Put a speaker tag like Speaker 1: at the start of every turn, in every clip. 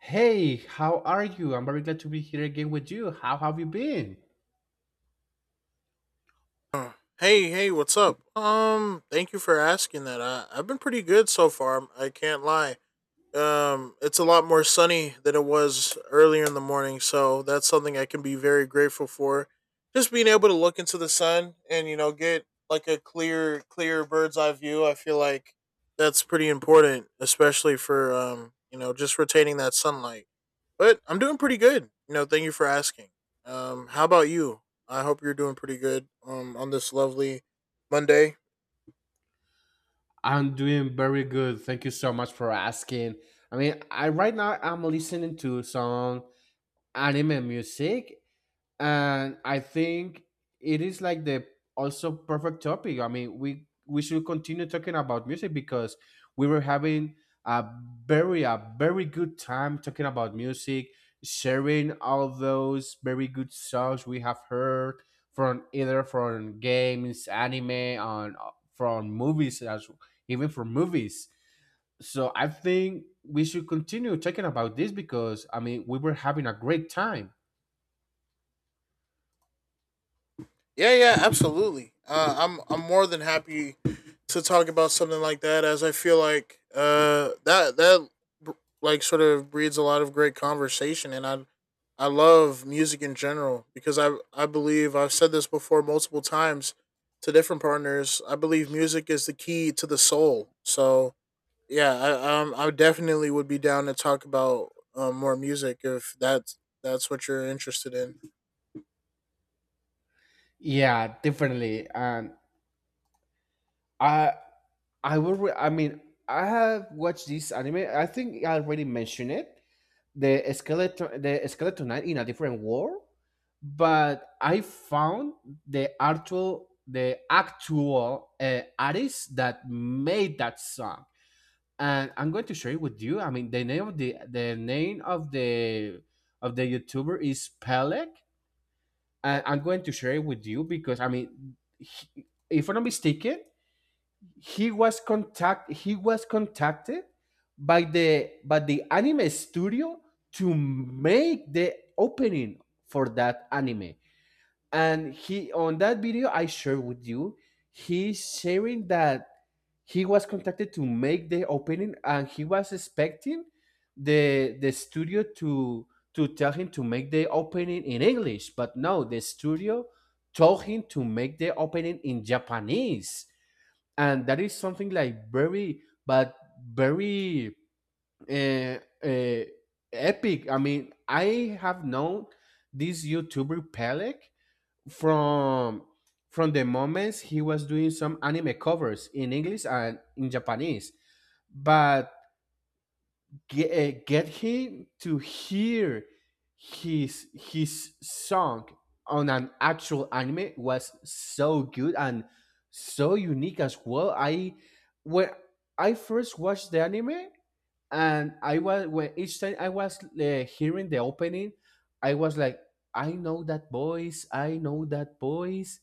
Speaker 1: Hey, how are you? I'm very glad to be here again with you. How have you been?
Speaker 2: Uh, Hey, hey, what's up? Thank you for asking that. I've been pretty good so far. I can't lie. It's a lot more sunny than it was earlier in the morning, so that's something I can be very grateful for. Just being able to look into the sun and you know get like a clear bird's eye view. I feel like that's pretty important, especially for you know, just retaining that sunlight. But I'm doing pretty good. You know, thank you for asking. How about you? I hope you're doing pretty good. On this lovely Monday.
Speaker 1: I'm doing very good. Thank you so much for asking. I mean, I right now I'm listening to some anime music, and I think it is like the also perfect topic. I mean, we should continue talking about music because we were having a a very good time talking about music, sharing all those very good songs we have heard from either from games, anime, and from movies as even from movies. So I think we should continue talking about this because I mean we were having a great time.
Speaker 2: Yeah, yeah, absolutely. I'm more than happy to talk about something like that, as I feel like that like sort of breeds a lot of great conversation, and I love music in general because I believe I've said this before multiple times to different partners. I believe music is the key to the soul. So yeah, I definitely would be down to talk about more music if that's what you're interested in.
Speaker 1: Yeah, definitely. And I I will re- I mean, I have watched this anime. I think I already mentioned it. The skeleton knight in a different world, but I found the actual artist that made that song. And I'm going to share it with you. I mean, the name of the YouTuber is Pelek. And I'm going to share it with you because I mean, if I'm not mistaken, he was contacted by the anime studio to make the opening for that anime. And he, on that video I shared with you, he's sharing that he was contacted to make the opening, and he was expecting the studio to tell him to make the opening in English, but no, the studio told him to make the opening in Japanese. And that is something like very but very uh, uh, epic. I mean, I have known this YouTuber Pelek from the moments he was doing some anime covers in English and in Japanese. But get him to hear his song on an actual anime was so good and so unique as well. I when I first watched the anime, and I was when each time I was hearing the opening, I was like, I know that voice, I know that voice.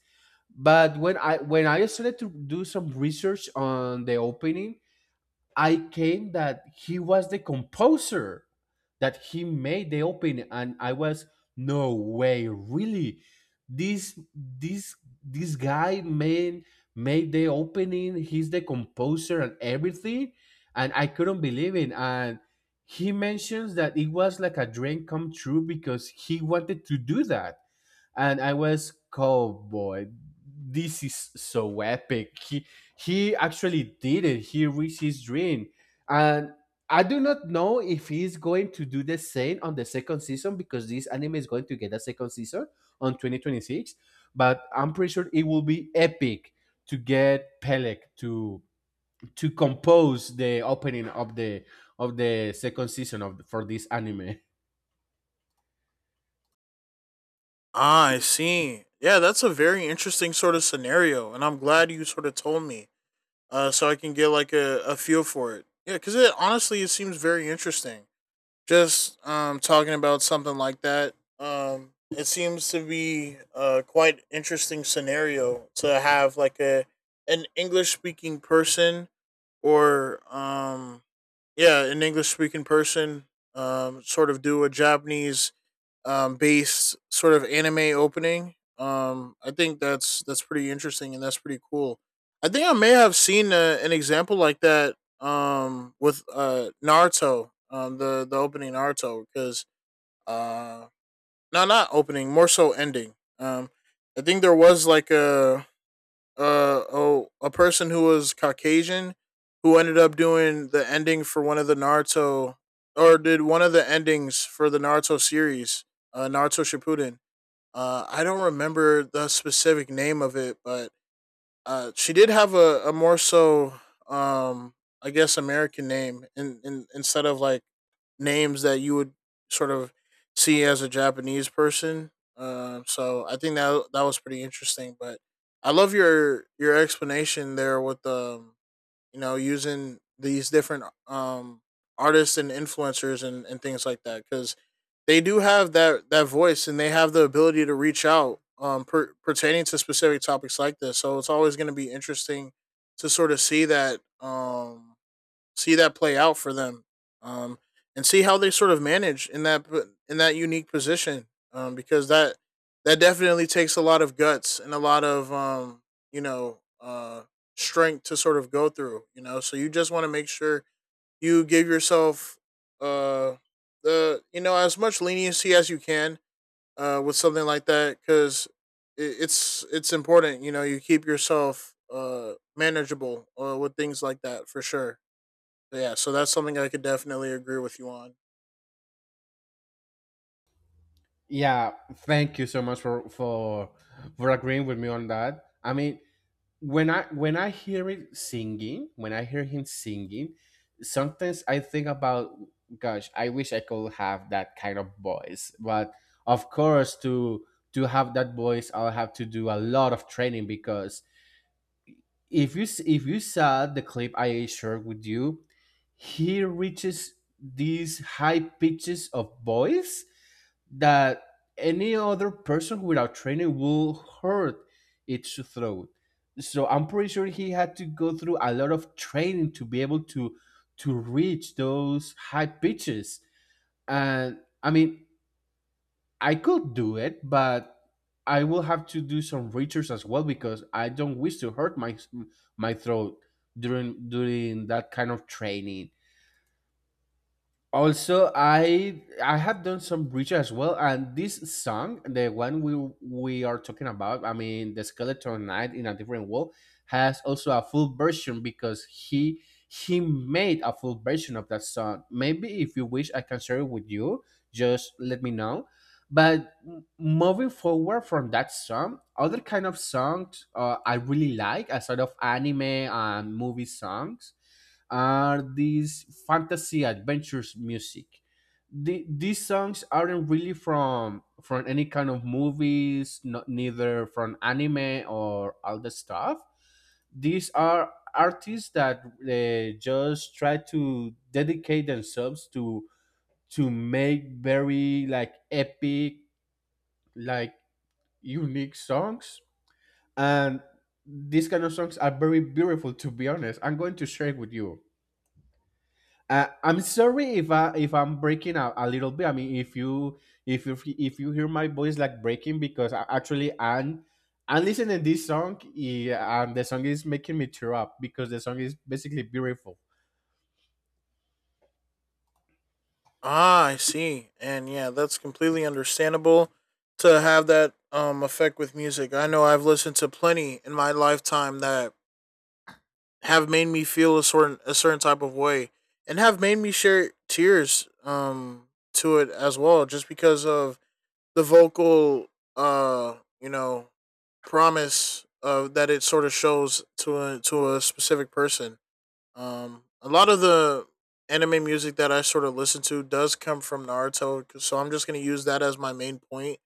Speaker 1: But when I started to do some research on the opening, I came that he was the composer, that he made the opening, and I was no way, really. This this this guy made the opening. He's the composer and everything, and I couldn't believe it. And he mentions that it was like a dream come true because he wanted to do that. And I was cowboy, this is so epic. He actually did it. He reached his dream, and I do not know if he's going to do the same on the second season because this anime is going to get a second season on 2026. But I'm pretty sure it will be epic to get Pelek to compose the opening of the second season of for this anime.
Speaker 2: Ah, I see. Yeah, that's a very interesting sort of scenario, and I'm glad you sort of told me, so I can get like a feel for it. Yeah, because it honestly it seems very interesting. Just talking about something like that, it seems to be a quite interesting scenario to have like a an English speaking person or yeah an English speaking person sort of do a Japanese based sort of anime opening. I think that's pretty interesting and that's pretty cool. I think I may have seen an example like that with Naruto, the opening Naruto, because uh, no, not opening, more so ending. I think there was like a oh a person who was Caucasian who ended up doing the ending for one of the Naruto or did one of the endings for the Naruto series, Naruto Shippuden. I don't remember the specific name of it, but she did have a more so, um, I guess, American name, instead of like names that you would sort of see as a Japanese person. So I think that that was pretty interesting. But I love your explanation there with you know, using these different artists and influencers and things like that because they do have that voice and they have the ability to reach out pertaining to specific topics like this. So it's always going to be interesting to sort of see that play out for them, um, and see how they sort of manage in that unique position, because that definitely takes a lot of guts and a lot of you know strength to sort of go through, you know. So you just want to make sure you give yourself uh, the you know as much leniency as you can with something like that because it's important. You know, you keep yourself manageable with things like that for sure. Yeah, so that's something I could definitely agree with you on.
Speaker 1: Yeah, thank you so much for agreeing with me on that. I mean, when I hear it singing, when I hear him singing, sometimes I think about, gosh, I wish I could have that kind of voice. But of course, to have that voice, I'll have to do a lot of training because if you saw the clip I shared with you, he reaches these high pitches of voice that any other person without training will hurt its throat. So I'm pretty sure he had to go through a lot of training to be able to reach those high pitches. And I mean, I could do it, but I will have to do some research as well because I don't wish to hurt my throat during that kind of training. Also, I have done some research as well, and this song, the one we are talking about, I mean the skeleton knight in a different world, has also a full version because he made a full version of that song. Maybe if you wish, I can share it with you. Just let me know. But moving forward from that song, other kind of songs I really like aside of anime and movie songs are these fantasy adventures music. These songs aren't really from any kind of movies, not neither from anime or all the stuff. These are artists that just try to dedicate themselves to make very like epic, like unique songs, and these kind of songs are very beautiful. To be honest, I'm going to share it with you. I'm sorry if I if I'm breaking a little bit. I mean, if you hear my voice like breaking because actually I'm listening this song, yeah, and the song is making me tear up because the song is basically beautiful.
Speaker 2: Ah, I see. And yeah, that's completely understandable to have that effect with music. I know I've listened to plenty in my lifetime that have made me feel a certain type of way and have made me share tears to it as well just because of the vocal uh you know promise that it sort of shows to a specific person. A lot of the anime music that I sort of listen to does come from Naruto, 'cause- so I'm just gonna use that as my main point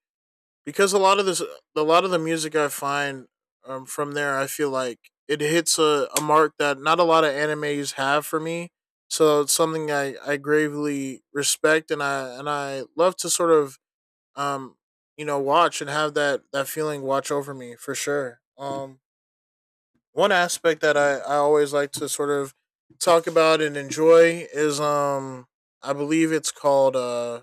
Speaker 2: because a lot of this, a lot of the music I find from there, I feel like it hits a mark that not a lot of animes have for me. So it's something I gravely respect and I love to sort of um you know watch and have that feeling watch over me for sure. One aspect that I always like to sort of talk about and enjoy is I believe it's called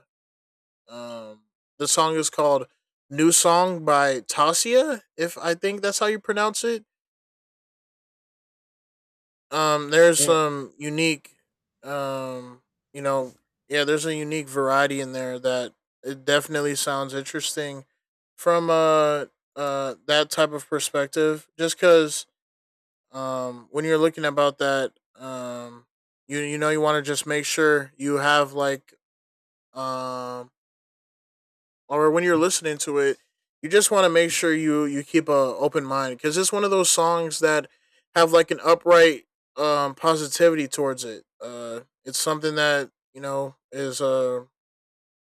Speaker 2: um the song is called New Song by Tasia, if I think that's how you pronounce it. There's
Speaker 1: Eh,
Speaker 2: some unique um you know yeah, there's a unique variety in there that it definitely sounds interesting from that type of perspective just cuz when you're looking about that you you know you want to just make sure you have like um or when you're listening to it you just want to make sure you keep a open mind because it's one of those songs that have like an upright positivity towards it. It's something that you know is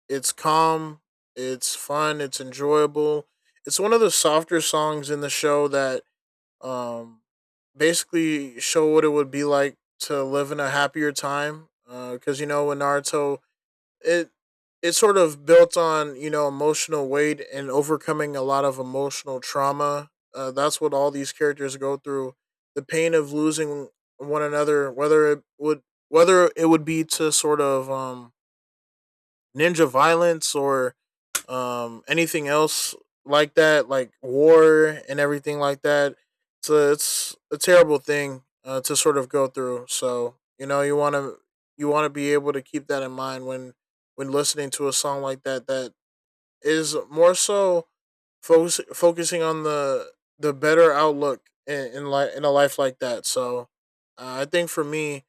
Speaker 2: it's calm, it's fun, it's enjoyable. It's one of the softer songs in the show that um, basically show what it would be like to live in a happier time. Because you know, in Naruto, it it sort of built on you know emotional weight and overcoming a lot of emotional trauma. That's what all these characters go through: the pain of losing one another, whether it would be to sort of ninja violence or anything else like that, like war and everything like that. So it's a terrible thing to sort of go through, so you know you want to be able to keep that in mind when listening to a song like that that is more so focusing on the better outlook in li- in a life like that. So I think for me,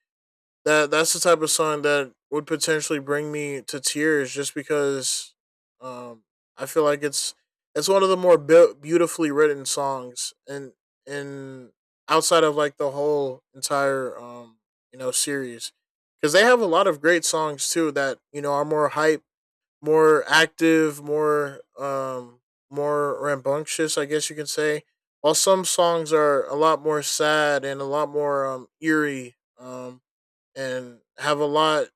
Speaker 2: that's the type of song that would potentially bring me to tears just because um I feel like it's one of the more be- beautifully written songs, and and outside of like the whole entire you know series, cuz they have a lot of great songs too that you know are more hype, more active, more more rambunctious, I guess you can say. While some songs are a lot more sad and a lot more eerie and have a lot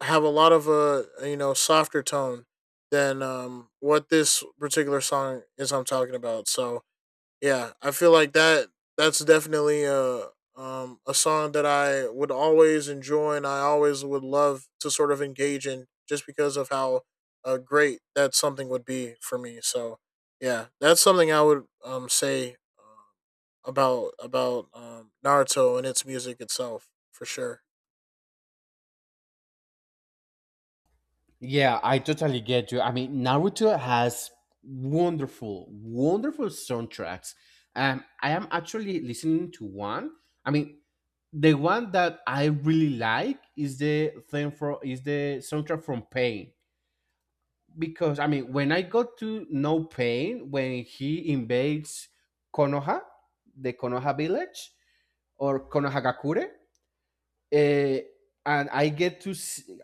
Speaker 2: of a you know softer tone than what this particular song is I'm talking about. So yeah, I feel like that's definitely a song that I would always enjoy and I always would love to sort of engage in just because of how great that something would be for me. So yeah, that's something I would say about Naruto and its music itself for sure.
Speaker 1: yeah, I totally get you. I mean, Naruto has wonderful, wonderful soundtracks. I am actually listening to one. I mean, the one that I really like is the thing for is the soundtrack from Pain, because I mean, when I got to No Pain, when he invades Konoha, the Konoha village, or Konohagakure, eh, and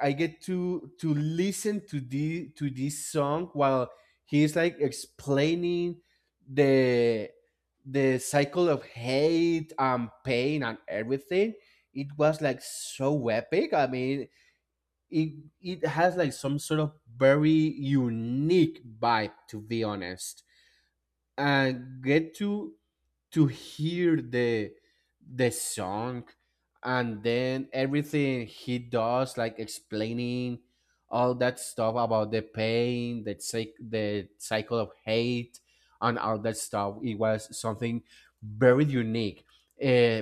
Speaker 1: I get to listen to the to this song while he's like explaining the the cycle of hate and pain and everything. It was like so epic. I mean, it it has like some sort of very unique vibe, to be honest, and get to hear the song, and then everything he does like explaining all that stuff about the pain, the cycle of hate and all that stuff, it was something very unique. uh,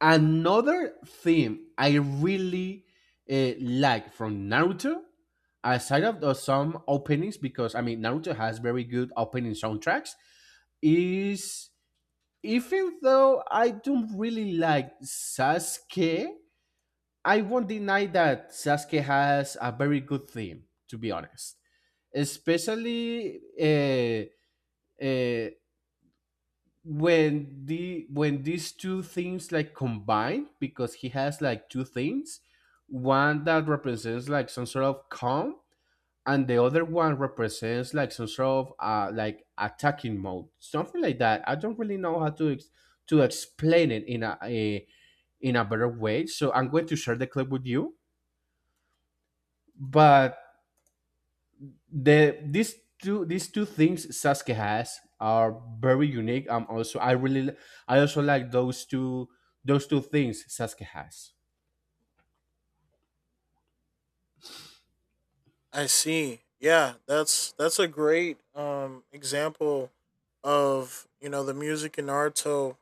Speaker 1: Another theme I really like from Naruto, aside of the, some openings, because I mean Naruto has very good opening soundtracks, is even though I don't really like Sasuke, I won't deny that Sasuke has a very good theme. To be honest, especially uh, when these two things like combine, because he has like two things, one that represents like some sort of calm and the other one represents like some sort of like attacking mode, something like that. I don't really know how to to explain it in a in a better way, so I'm going to share the clip with you. But the these these two things Sasuke has are very unique. Also I also like those two things Sasuke has.
Speaker 2: I see. Yeah, that's a great example of, you know, the music in Naruto,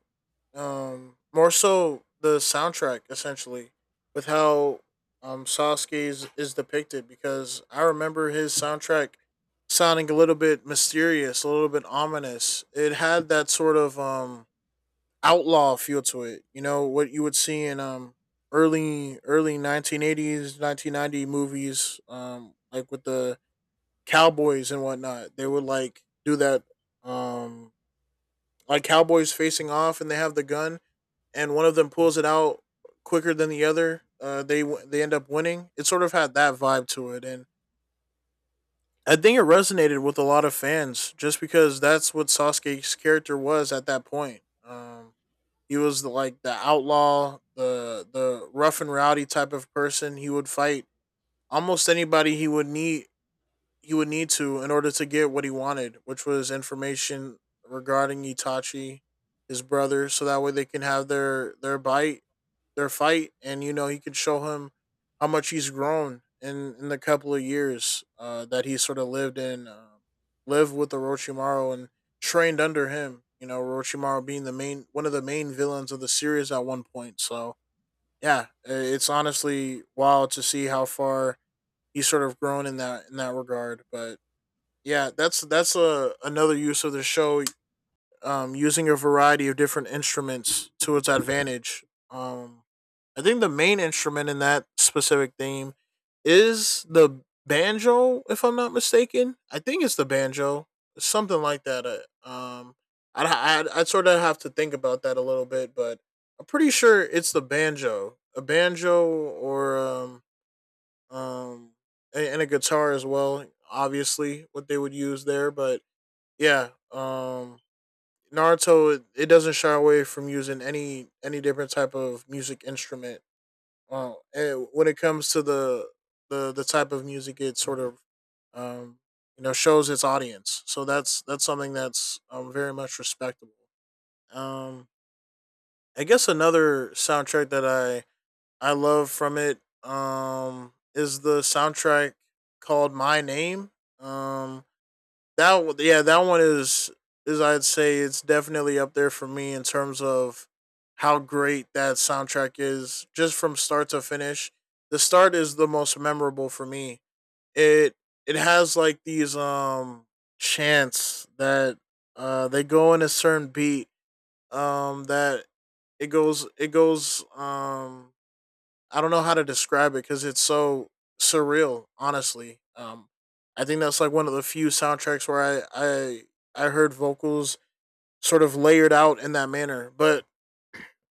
Speaker 2: more so the soundtrack essentially, with how Sasuke is depicted because I remember his soundtrack sounding a little bit mysterious, a little bit ominous. It had that sort of outlaw feel to it. You know what you would see in early 1980s 1990 movies like with the cowboys and whatnot. They would like do that um like cowboys facing off, and they have the gun and one of them pulls it out quicker than the other. They end up winning. It sort of had that vibe to it, and I think it resonated with a lot of fans just because that's what Sasuke's character was at that point. He was the, like the outlaw, the rough and rowdy type of person. He would fight almost anybody he would need to in order to get what he wanted, which was information regarding Itachi, his brother, so that way they can have their bite, their fight, and you know he could show him how much he's grown in the couple of years that he sort of lived in, lived with Orochimaru and trained under him. You know, Orochimaru being the main one of the main villains of the series at one point. So yeah, it's honestly wild to see how far he's sort of grown in that regard. But yeah, that's a another use of the show. Using a variety of different instruments to its advantage. I think the main instrument in that specific theme is the banjo, if I'm not mistaken. I think it's the banjo, something like that. I'd sort of have to think about that a little bit, but I'm pretty sure it's the banjo, a banjo, or um and a guitar as well. Obviously, what they would use there, but yeah. Naruto , it doesn't shy away from using any different type of music instrument. And when it comes to the type of music, it sort of um shows its audience. So that's something that's very much respectable. Um I guess another soundtrack that I love from it is the soundtrack called My Name. Um that Yeah, that one is, I'd say, it's definitely up there for me in terms of how great that soundtrack is, just from start to finish. The start is the most memorable for me. It it has like these chants that they go in a certain beat that it goes I don't know how to describe it because it's so surreal. Honestly, I think that's like one of the few soundtracks where I heard vocals sort of layered out in that manner. But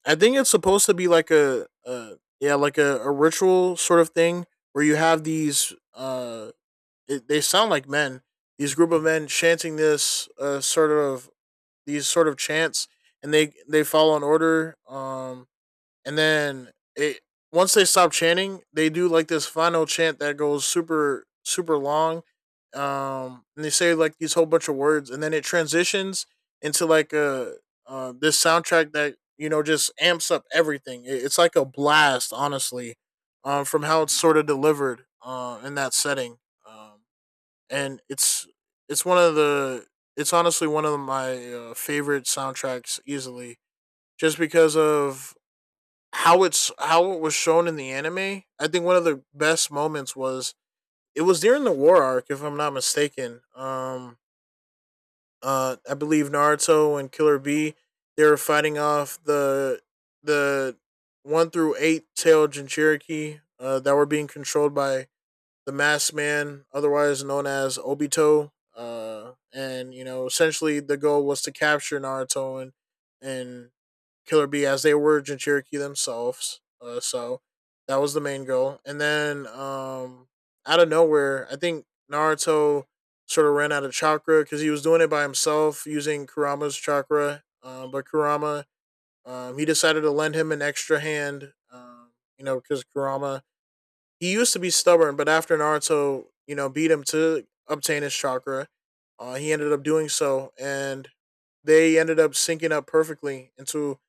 Speaker 2: I think it's supposed to be like a yeah like a ritual sort of thing where you have they sound like men, these group of men chanting this sort of these sort of chants, and they follow an order, and then it once they stop chanting, they do like this final chant that goes super super long, and they say like these whole bunch of words, and then it transitions into like a this soundtrack that you know just amps up everything. It's like a blast, honestly, from how it's sort of delivered in that setting. Um, and it's it's one of the it's honestly one of my favorite soundtracks easily, just because of how it was shown in the anime. I think one of the best moments was it was during the war arc, if I'm not mistaken. I believe Naruto and Killer B, they were fighting off the one through eight tailed Jinchuriki that were being controlled by the Masked Man, otherwise known as Obito. And you know, essentially the goal was to capture Naruto and Killer Bee, as they were Jinchuriki themselves. So that was the main goal. And then, out of nowhere, I think Naruto sort of ran out of chakra because he was doing it by himself using Kurama's chakra. But Kurama, he decided to lend him an extra hand, you know, because Kurama, he used to be stubborn, but after Naruto, you know, beat him to obtain his chakra, he ended up doing so. And they ended up syncing up perfectly into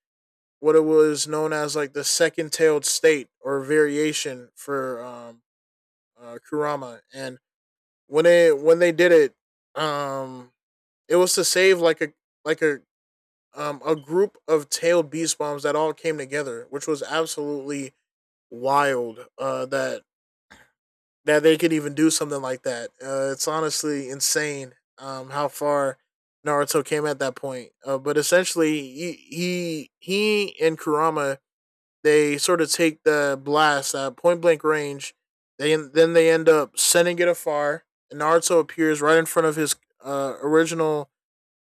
Speaker 2: what it was known as like the second tailed state or variation for Kurama. And when they did it, um, it was to save like like a a group of tailed beast bombs that all came together, which was absolutely wild. That they could even do something like that. It's honestly insane. How far Naruto came at that point. But essentially, he and Kurama, they sort of take the blast at point blank range. They end up sending it afar. And Naruto appears right in front of his original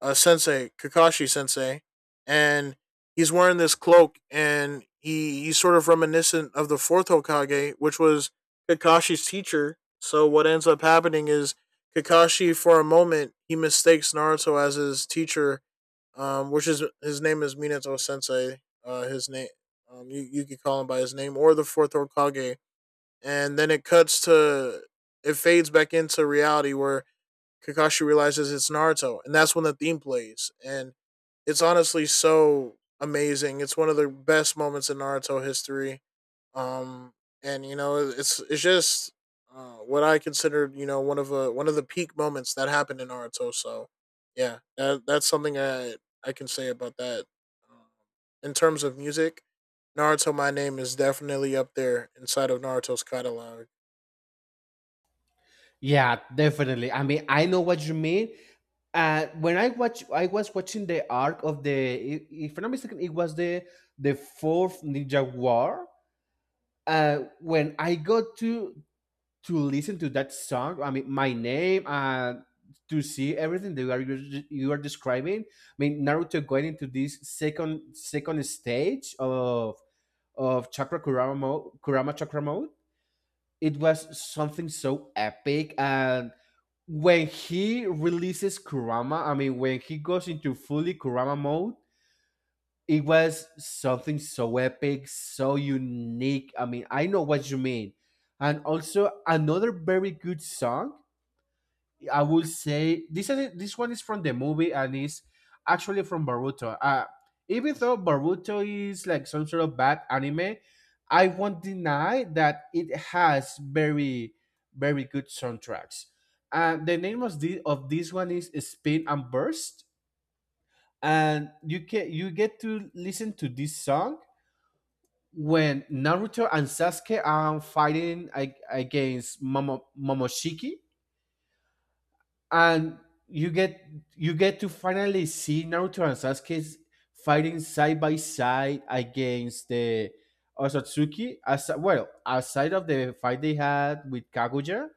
Speaker 2: sensei, Kakashi Sensei, and he's wearing this cloak, and he's sort of reminiscent of the fourth Hokage, which was Kakashi's teacher. So what ends up happening is, Kakashi, for a moment, he mistakes Naruto as his teacher, which is, his name is Minato Sensei. You you can call him by his name or the fourth Hokage. And then it cuts to it fades back into reality where Kakashi realizes it's Naruto, and that's when the theme plays. And it's honestly so amazing. It's one of the best moments in Naruto history, um and you know it's just what I considered, you know, one of the peak moments that happened in Naruto. So yeah, that's something I can say about that um, in terms of music, Naruto My Name is definitely up there inside of Naruto's catalog.
Speaker 1: Yeah, definitely. I mean, I know what you mean. I was watching the arc of the. If I'm not mistaken, it was the fourth Ninja War. When I got to listen to that song. I mean, my name, and to see everything that you are describing. I mean, Naruto going into this second stage of Chakra Kurama mode, Kurama Chakra mode. It was something so epic, and when he releases Kurama, I mean, when he goes into fully Kurama mode. It was something so epic, so unique. I mean, I know what you mean. And also another very good song I would say, this is this one is from the movie and is actually from Baruto. Even though Baruto is like some sort of bad anime, I won't deny that it has very very good soundtracks. And the name of the of this one is Spin and Burst, and you can you get to listen to this song when Naruto and Sasuke are fighting against Momoshiki, and you get you get to finally see Naruto and Sasuke fighting side by side against the Osatsuki. As well, aside of the fight they had with Kaguya,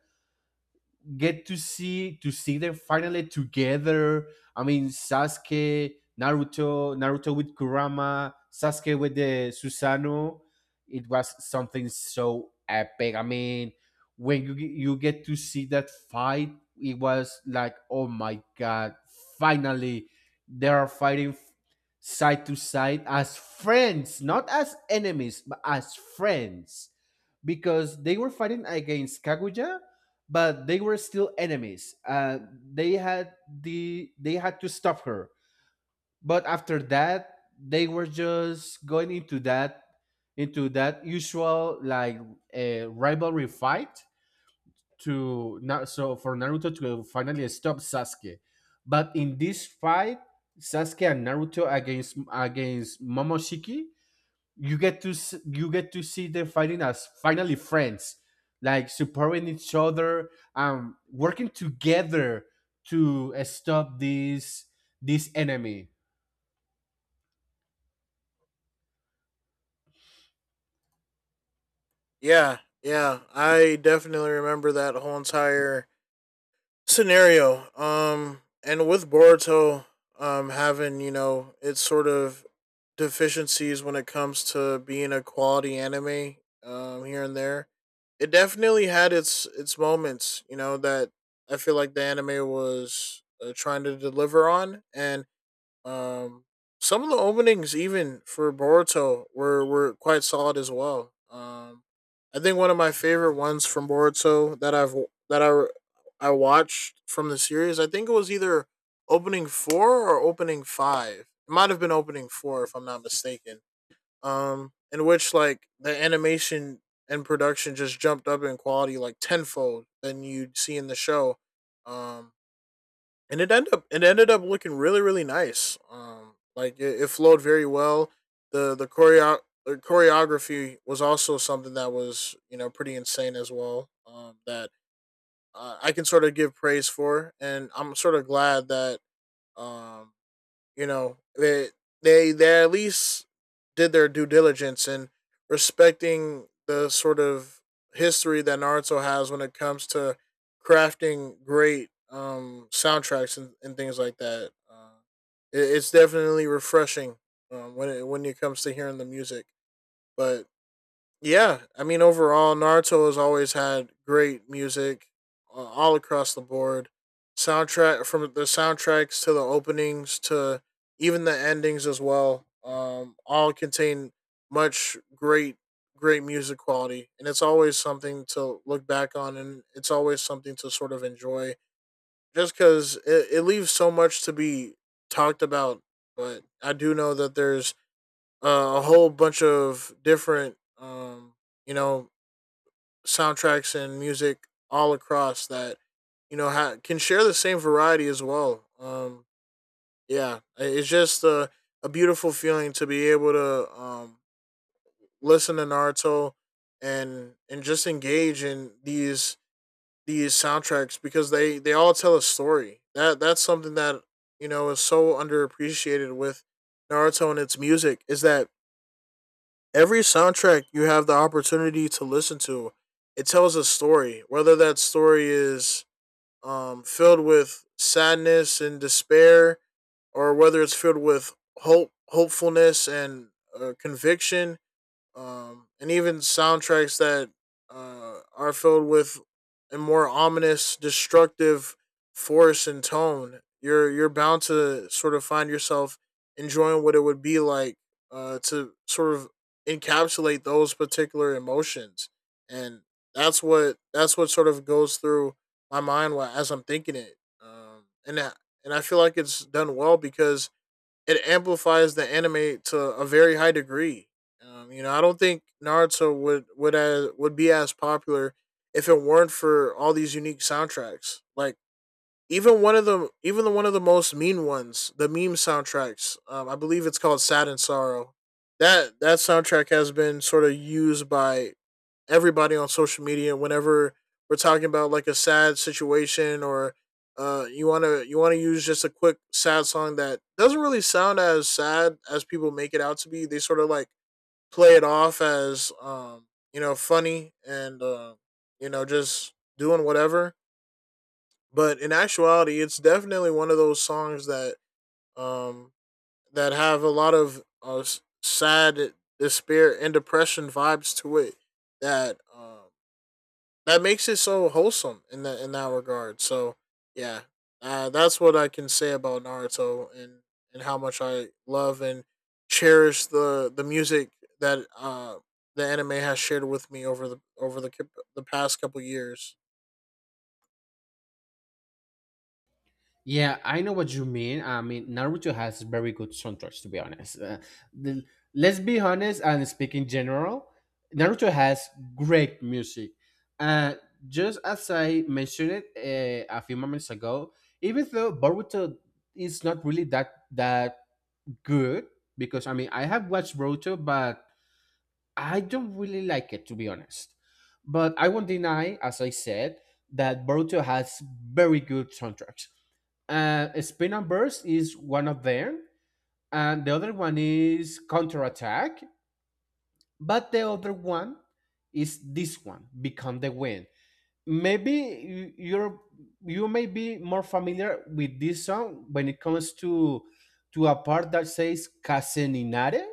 Speaker 1: get to see them finally together. I mean, Sasuke, Naruto with Kurama, Sasuke with the Susanoo. It was something so epic. I mean, when you get to see that fight, it was like, oh my god, finally they are fighting side to side as friends, not as enemies, but as friends, because they were fighting against Kaguya, but they were still enemies. They had to stop her. But after that, they were just going into that usual like rivalry fight to now. So for Naruto to finally stop Sasuke, but in this fight, Sasuke and Naruto against Momoshiki, you get to you get to see them fighting as finally friends, like supporting each other, um, working together to stop this enemy.
Speaker 2: Yeah, yeah, I definitely remember that whole entire scenario. And with Boruto, having you know its sort of deficiencies when it comes to being a quality anime, here and there, it definitely had its moments. You know that I feel like the anime was trying to deliver on, and um, some of the openings even for Boruto were quite solid as well. I think one of my favorite ones from Boruto that I've that I watched from the series. I think it was either opening four or opening five. It might have been opening four, if I'm not mistaken. In which, like, the animation and production just jumped up in quality like tenfold than you'd see in the show. Um, and it ended up It ended up looking really really nice. Like it, it flowed very well. The the choreo- the choreography was also something that was you know pretty insane as well. That I can sort of give praise for, and I'm sort of glad that um you know, they at least did their due diligence in respecting the sort of history that Naruto has when it comes to crafting great soundtracks and things like that. It's definitely refreshing when it comes to hearing the music. But yeah, I mean, overall, Naruto has always had great music all across the board. Soundtracks to the openings to even the endings as well. All contain much great, great music quality, and it's always something to look back on, and it's always something to sort of enjoy. Just because it leaves so much to be talked about, but I do know that there's a whole bunch of different you know soundtracks and music all across that you know can share the same variety as well. Yeah, it's just a beautiful feeling to be able to listen to Naruto and just engage in these soundtracks, because they all tell a story. That that's something that you know is so underappreciated with Naruto and its music, is that every soundtrack you have the opportunity to listen to, it tells a story. Whether that story is filled with sadness and despair, or whether it's filled with hope, hopefulness, and conviction, and even soundtracks that are filled with a more ominous, destructive force and tone. You're bound to sort of find yourself enjoying what it would be like to sort of encapsulate those particular emotions, and that's what sort of goes through my mind while, as I'm thinking it, and that, and I feel like it's done well because it amplifies the anime to a very high degree. You know, I don't think Naruto would be as popular if it weren't for all these unique soundtracks. Like even the one of the most mean ones, the meme soundtracks. I believe it's called "Sad and Sorrow." That soundtrack has been sort of used by everybody on social media whenever we're talking about like a sad situation, or you want to use just a quick sad song that doesn't really sound as sad as people make it out to be. They sort of like play it off as you know funny and you know just doing whatever. But in actuality, it's definitely one of those songs that um, that have a lot of sad despair and depression vibes to it that that makes it so wholesome in that regard. So yeah, that's what I can say about Naruto and how much I love and cherish the music that the anime has shared with me over the past couple years.
Speaker 1: Yeah, I know what you mean. I mean, Naruto has very good soundtracks, to be honest. The- let's be honest and speak in general, Naruto has great music, uh just as I mentioned it a few moments ago. Even though Boruto is not really that good, because I mean I have watched Roto, but I don't really like it, to be honest. But I won't deny, as I said, that Boruto has very good soundtracks. Spin and Burst is one of them, and the other one is Counterattack. But the other one is this one, Become the Wind. Maybe you may be more familiar with this song when it comes to a part that says Caseninare,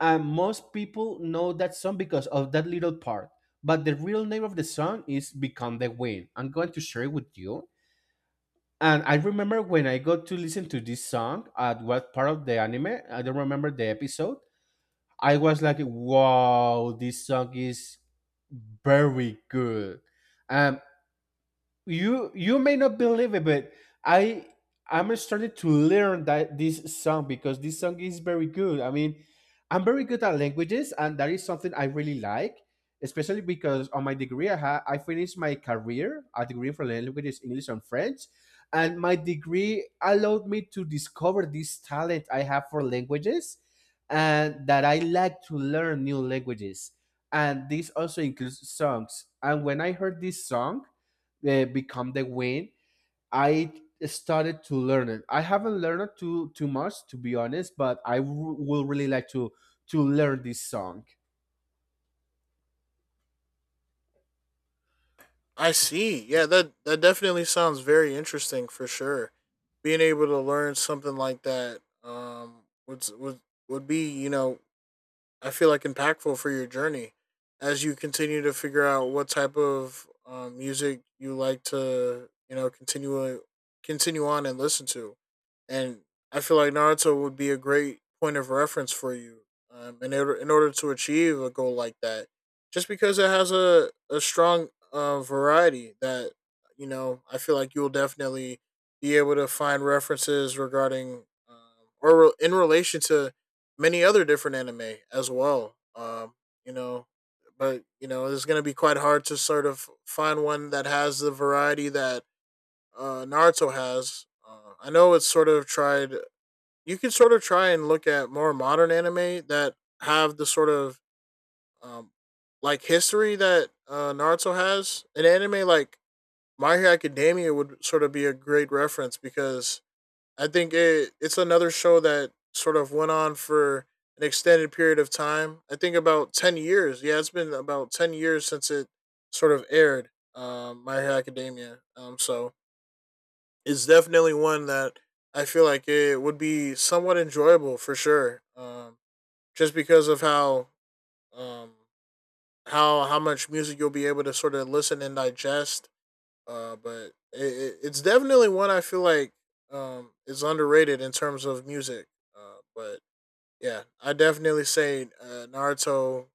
Speaker 1: and most people know that song because of that little part. But the real name of the song is "Become the Wind." I'm going to share it with you. And I remember when I got to listen to this song at what part of the anime? I don't remember the episode. I was like, "Wow, this song is very good." Um, you may not believe it, but I I'm started to learn that this song because this song is very good. I mean, I'm very good at languages, and that is something I really like, especially because on my degree I finished my career, a degree for languages, English and French, and my degree allowed me to discover this talent I have for languages, and that I like to learn new languages, and this also includes songs. And when I heard this song become the win, I started to learn it. I haven't learned it too much, to be honest, but will really like to learn this song.
Speaker 2: I see. Yeah, that definitely sounds very interesting for sure. Being able to learn something like that would be, you know, I feel like, impactful for your journey as you continue to figure out what type of music you like to you know continue on and listen to, and I feel like Naruto would be a great point of reference for you in order to achieve a goal like that, just because it has a strong variety that you know I feel like you will definitely be able to find references regarding in relation to many other different anime as well. You know, but you know, it's going to be quite hard to sort of find one that has the variety that Naruto has. I know it's sort of tried. You can sort of try and look at more modern anime that have the sort of um, like history that Naruto has. An anime like My Hero Academia would sort of be a great reference because I think it's another show that sort of went on for an extended period of time. I think about 10 years. Yeah, it's been about 10 years since it sort of aired. My Hero Academia. So it's definitely one that I feel like it would be somewhat enjoyable for sure. Just because of how um how much music you'll be able to sort of listen and digest, but it's definitely one I feel like is underrated in terms of music. But yeah, I definitely say Naruto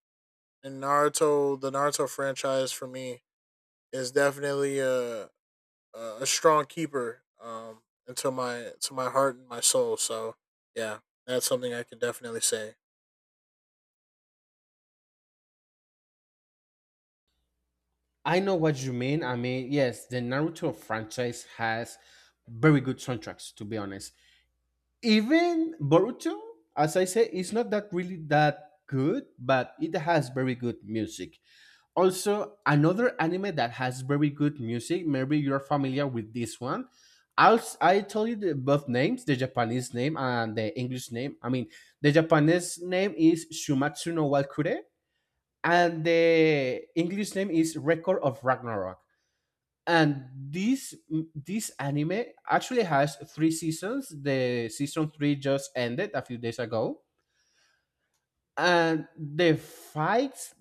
Speaker 2: and Naruto, the Naruto franchise for me is definitely a a strong keeper into my to my heart and my soul. So yeah, that's something I can definitely say.
Speaker 1: I know what you mean. I mean, yes, the Naruto franchise has very good soundtracks, to be honest. Even Boruto, as I say, is not that really that good, but it has very good music. Also, another anime that has very good music. Maybe you're familiar with this one. I tell you the both names, the Japanese name and the English name. I mean, the Japanese name is Shumatsu no Wakure, and the English name is Record of Ragnarok. And this anime actually has 3 seasons. The season 3 just ended a few days ago, and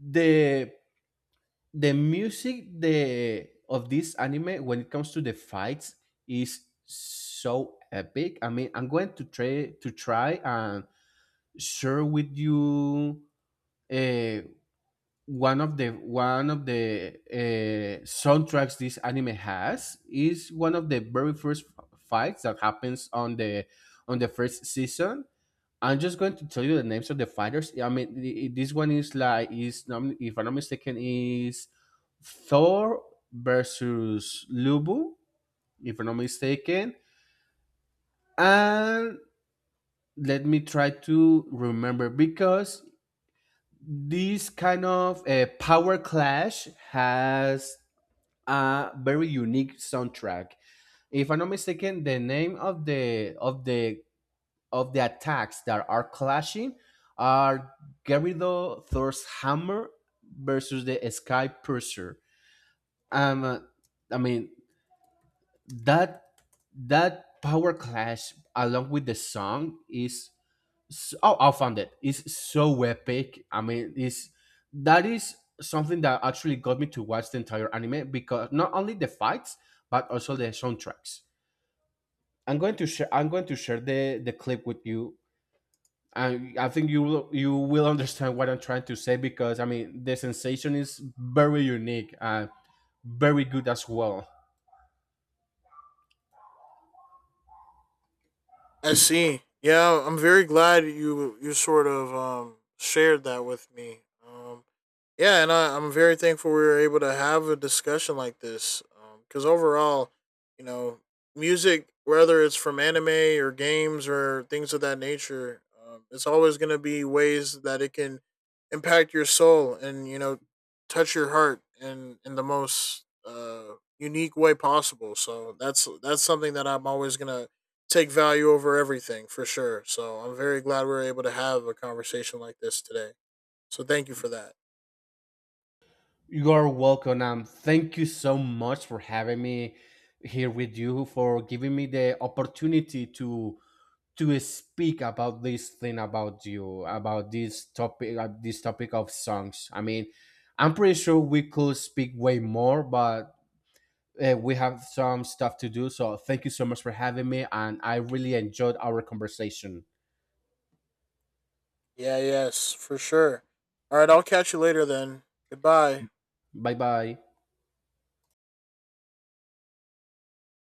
Speaker 1: the the music the of this anime when it comes to the fights is so epic. I mean, I'm going to try and share with you uh, one of the soundtracks this anime has is one of the very fights that happens on the first season. I'm just going to tell you the names of the fighters. I mean, this one is like if I'm not mistaken is Thor versus Lubu, if I'm not mistaken. And let me try to remember because this kind of power clash has a very unique soundtrack. If I'm not mistaken, the name of the of the attacks that are clashing are Gerudo Thor's hammer versus the Sky Purser. Um, uh, I mean that that power clash along with the song is so, oh I found it. It's so epic. I mean, it's that is something that actually got me to watch the entire anime because not only the fights but also the soundtracks. I'm going to share the clip with you, and I think you will understand what I'm trying to say because I mean the sensation is very unique and very good as well.
Speaker 2: I see. Yeah, I'm very glad you sort of shared that with me. Um, yeah, and I'm very thankful we were able to have a discussion like this. Because overall, you know, music, whether it's from anime or games or things of that nature, it's always going to be ways that it can impact your soul, and you know touch your heart in the most unique way possible. So that's something that I'm always gonna take value over everything for sure. So I'm very glad we were able to have a conversation like this today. So thank you for that.
Speaker 1: You are welcome, and thank you so much for having me here with you, for giving me the opportunity to speak about this thing about this topic, this topic of songs. I mean, I'm pretty sure we could speak way more, but we have some stuff to do. So thank you so much for having me, and I really enjoyed our conversation.
Speaker 2: Yeah, yes, for sure. All right, I'll catch you later then. Goodbye.
Speaker 1: Bye bye.